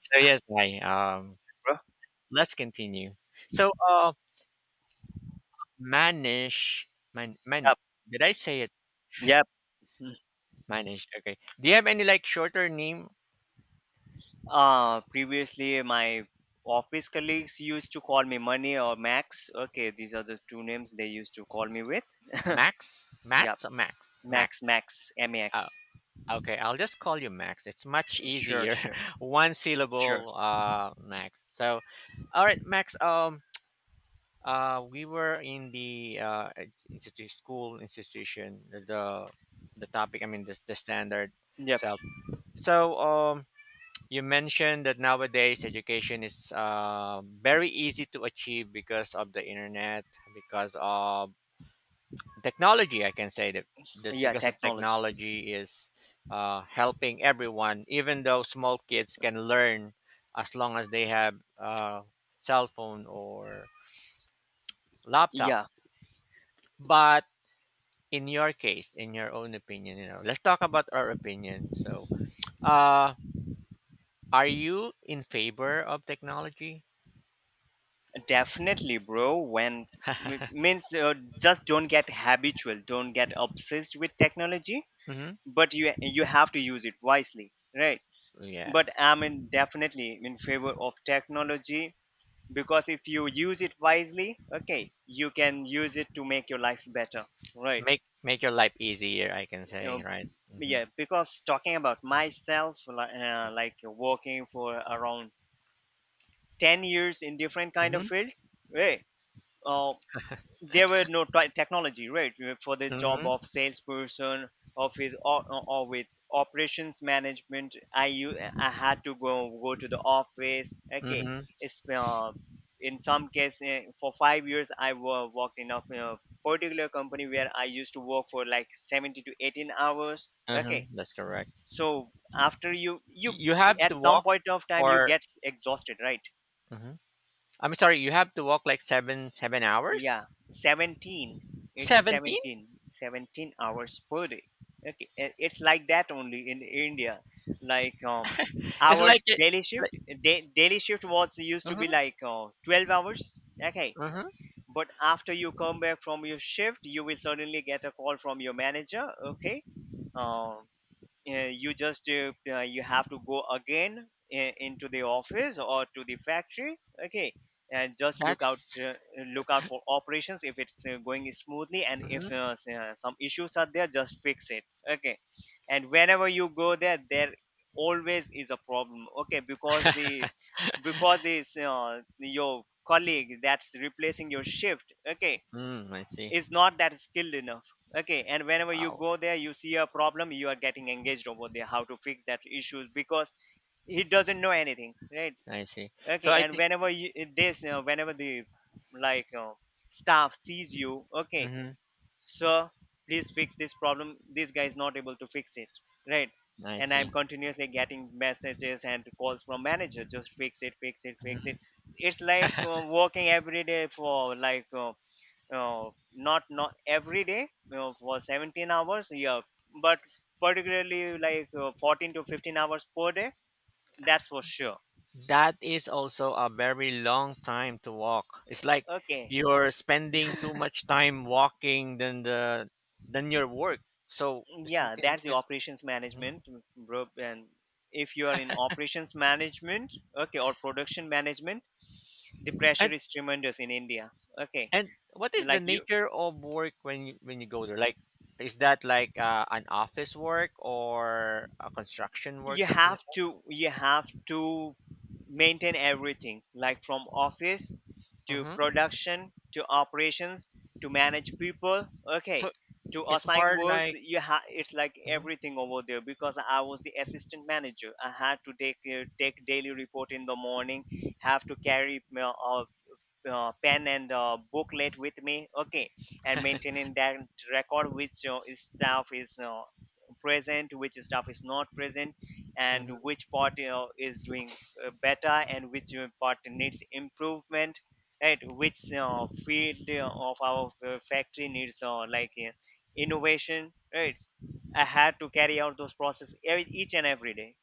So yes, I Bro. let's continue. So Manish, man man Yep, did I say it, yep. Mm. Manish? Okay. Do you have any, like, shorter name? Previously, my office colleagues used to call me Money or Max. Okay, these are the two names they used to call me with. Max? Yep, Max or Max? Max, Max. Max, Oh, Max. okay, I'll just call you Max. It's much Sure, easier. sure, One sure. syllable, Max. So all right, Max, we were in the institute, school, institution, the topic. I mean, the standard Yep, self. So you mentioned that nowadays education is very easy to achieve because of the internet, because of technology. I can say that just yeah, because of technology. technology is helping everyone, even though small kids can learn as long as they have a cell phone or laptop. Yeah, But in your case, in your own opinion, let's talk about our opinion. So, uh, are you in favor of technology? definitely, bro. When m- means just don't get habitual, don't get obsessed with technology, Mhm. but you have to use it wisely, right? But Yes. I'm in, definitely in favor of technology, because if you use it wisely, okay, you can use it to make your life better, right. Make your life easier, I can you say, right? Mm-hmm. yeah because talking about myself, like, working for around 10 years in different kind of Mm-hmm. fields, right. Uh, there were no technology, right. For the job Mm-hmm. of salesperson of his, or with operations management, I had to go to the office, okay. Mm-hmm. It's in some case, for 5 years I worked in a particular company, where I used to work for like 70 to 18 hours, okay. Mm-hmm. That's correct. So after you, You have to at some walk point of time, you for. get exhausted, right. Mhm. I'm sorry, you have to walk like seven seven Yeah, hours? 17. It's 17? 17, 17 hours per day. Okay, it's like that only in India. Like, It's our like it, daily shift, like, daily shift was used to be uh-huh, like 12 hours. Okay, uh-huh. but after you come back from your shift, you will suddenly get a call from your manager. Okay, uh, you have to go again into the office or to the factory, okay. And just That's look out for operations if it's going smoothly, and if uh-huh. Some issues are there, just fix it, okay. And whenever you go there, always is a problem, okay, because the because this, your colleague that's replacing your shift, okay, Mm, I see. is not that skilled enough, okay. And whenever you Wow. go there, you see a problem, you are getting engaged over there how to fix that issue, because he doesn't know anything, right. I see. So Okay. I And think. whenever you this whenever the, like, staff sees you, okay, Mm-hmm. "Sir, please fix this problem, this guy is not able to fix it," right. I And I'm see. continuously getting messages and calls from manager: "Just fix it, fix it, fix it." It's like, working every day for like, not every day, for 17 hours, yeah. But particularly, like, 14 to 15 hours per day, that's for sure, That is also a very long time to walk. It's like okay. you're spending too much time walking than your work. So it's, Yeah, it's, that's the it's operations Mhm. management, bro. And if you are in operations management, okay, or production management, the pressure and is tremendous in India, okay. and what is the Like, you nature of work when you go there? Like, is that like an office work or a construction work, you something have like that? to, maintain everything, like, from office to hmm production to operations, to manage people, okay, So to it's assign more works, like. you have, it's like everything over there, because I was the assistant manager. I had to take daily report in the morning. Have to carry my pen and booklet with me, okay. And maintaining that record: which staff is present, which staff is not present, and Mhm. which part is doing better, and which part needs improvement, right. Which field of our factory needs, like, innovation, right. I had to carry out those process every, each and every day,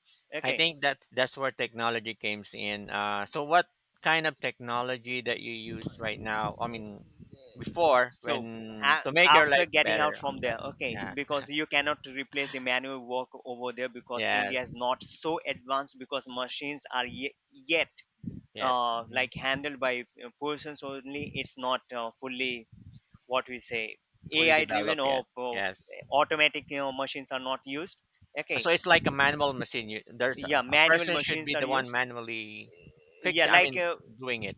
I okay. think that that's where technology comes in. So what kind of technology that you use right now? I mean, before So when to make your after life getting out better from on there, that. okay, Yeah. because you cannot replace the manual work over there, because India is Yes. not so advanced, because machines are yet Yet. Mhm. like, handled by persons only. It's not fully, what we say, Fully AI driven developed or yet. Yes. automatic, machines are not used, okay. So it's like a manual machine. You, there's a, Yeah, a manual person should machines be are the one used. manually Yeah, fix. I like, mean, doing it.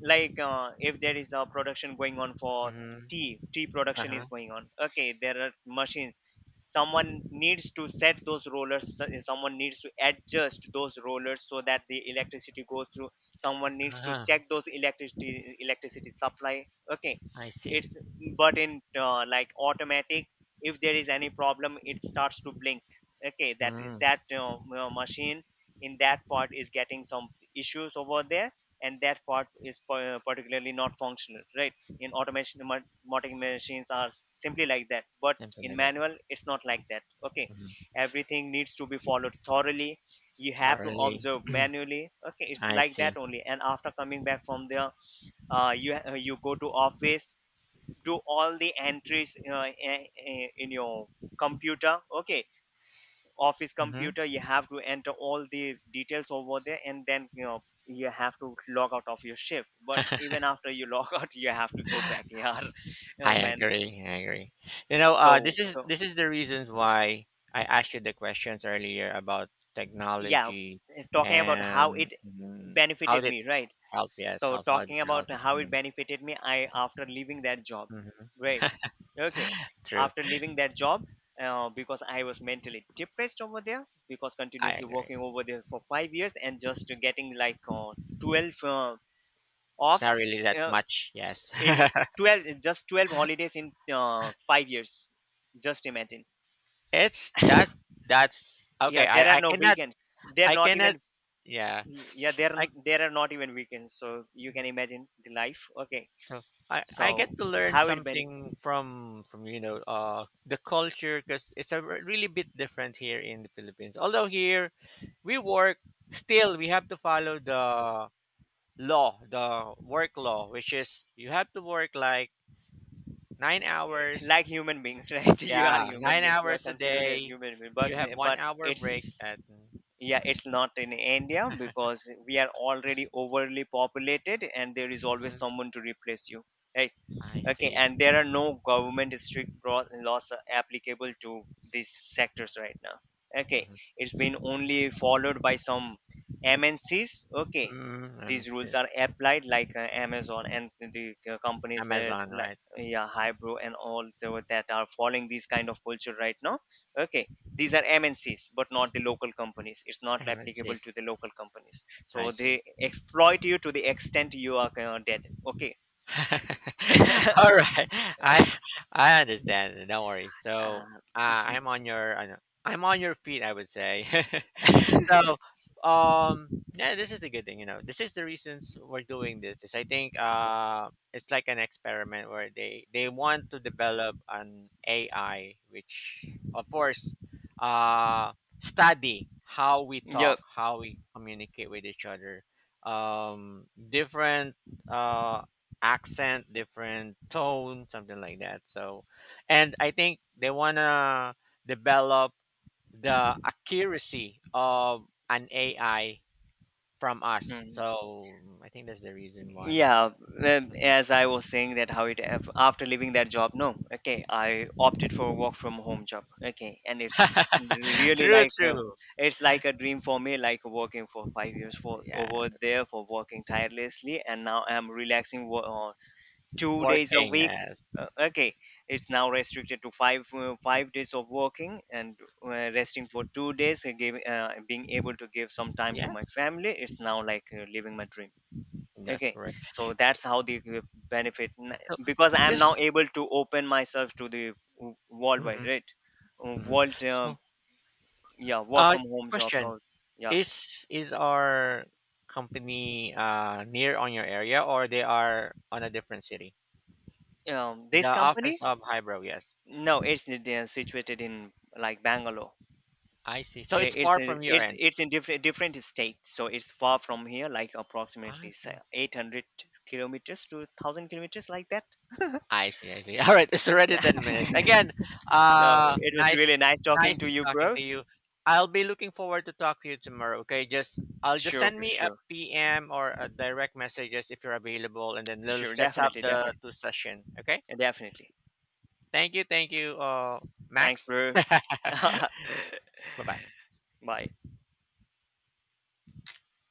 if there is a production going on Yeah, for mm-hmm. Tea Uh production huh. is going on, okay, there are machines. Someone needs to set those rollers, someone needs to adjust those rollers so that the electricity goes through. Someone needs to Uh-huh. check those electricity supply, okay. I see. it's But in like, automatic, if there is any problem it starts to blink, okay. that Mm, that uh, machine, in that part, is getting some issues over there, and that part is particularly not functional, right. In automation, modding machines are simply like that. But something in like that. manual, it's not like that, okay. Mm-hmm. Everything needs to be followed thoroughly, you have to Already, observe manually, okay, it's I like that see. only. And after coming back from there, you go to office, do all the entries in your computer, okay. Office Mhm. computer, you have to enter all the details over there, and then, you know, you have to log out of your shift, but even after you log out, you have to go back, yeah. You know, I man. agree. I agree. You know, so this is so, this is the reasons why I asked you the questions earlier about yeah. technology, Talking about how it and how benefited did it me, right. help? Yes, So how did talking it about help? how it Hmm, benefited me, I, after leaving that job, hmm. great. Okay, True. after leaving that job, because I was mentally depressed over there, because I continuously agree. working over there for 5 years, and just getting like, 12 It's offs, not really that uh, much. Yes, in twelve just 12 holidays in 5 years. Just imagine. it's that's Yeah, okay. there are I I no cannot weekends. They're I not cannot. even, Yeah, yeah, there I. there are not even weekends. So you can imagine the life, okay. So I get So to learn how it benefit? something from the culture, because it's a really bit different here in the Philippines. Although here we work, still we have to follow the law, the work law, which is you have to work like nine Like hours. human beings, right? You are Yeah, human nine beings. You are hours a considered as day. human beings, You have but... one but hour it's break at. yeah it's not in India, because we are already overly populated and there is always Mhm, someone to replace you, right. I Okay. see. And there are no government strict laws applicable to these sectors right now, okay. Mhm. It's been only followed by some MNCs, okay. Mm, These rules are applied, like, Amazon and the companies there, Amazon, like, right? yeah, Hybro and all the, that are following these kind of culture right now, okay. These are MNCs, but not the local companies. It's not Amazon. applicable to the local companies. I So they see. exploit you to the extent you are dead. Okay. uh, All right, I I understand. Don't worry. So I'm on your feet, I would say. So, yeah, this is a good thing. You know, this is the reasons we're doing this. Is, I think, it's like an experiment where they want to develop an AI, which of course uh study how we yeah. talk, how we communicate with each other, different. Uh, accent, different tone, something like that. So, and I think they wanna develop the accuracy of an AI from us. Mm. So I think that's the reason why. Yeah. um, Mhm. As I was saying, that how it after leaving that job, no. Okay, I opted for a work from home job. Okay, and it's really True, like a, true. it's like a dream for me. Like working for 5 years for Yeah, over there, for working tirelessly, and now I'm relaxing 2 days a working week. as, Okay, it's now restricted to 5 days of working and uh, resting for 2 days. And giving being able to give some time to my yes, family. It's now like, living my dream. that's Okay, correct. so that's how the benefit So because I am now just able to open myself to the worldwide, Mhm, right. Mhm. World, So yeah, work uh, from home jobs question. or, yeah. Is our company near on your area, or they are on a different city? This The office company, of Hybro, yes. no, it's, they are situated in, like, Bangalore. I see. So it's It's far a, from your it's end. it's in different state, so it's far from here, like, I approximately, say, see. 800 kilometers to 1,000 kilometers, like that. I see. I see. All right. It's already 10 minutes. Again, No, it was really nice, nice nice talking to you, talking bro. to you. I'll be looking forward to talk to you tomorrow. Okay. Just, I'll just Sure, send bro, me a sure, PM or a direct messages if you're available. And then let's, sure, let's have definitely, the definitely, two session. Okay. definitely. Thank you. Thank you. Thanks, Max. bro. Goodbye. Bye.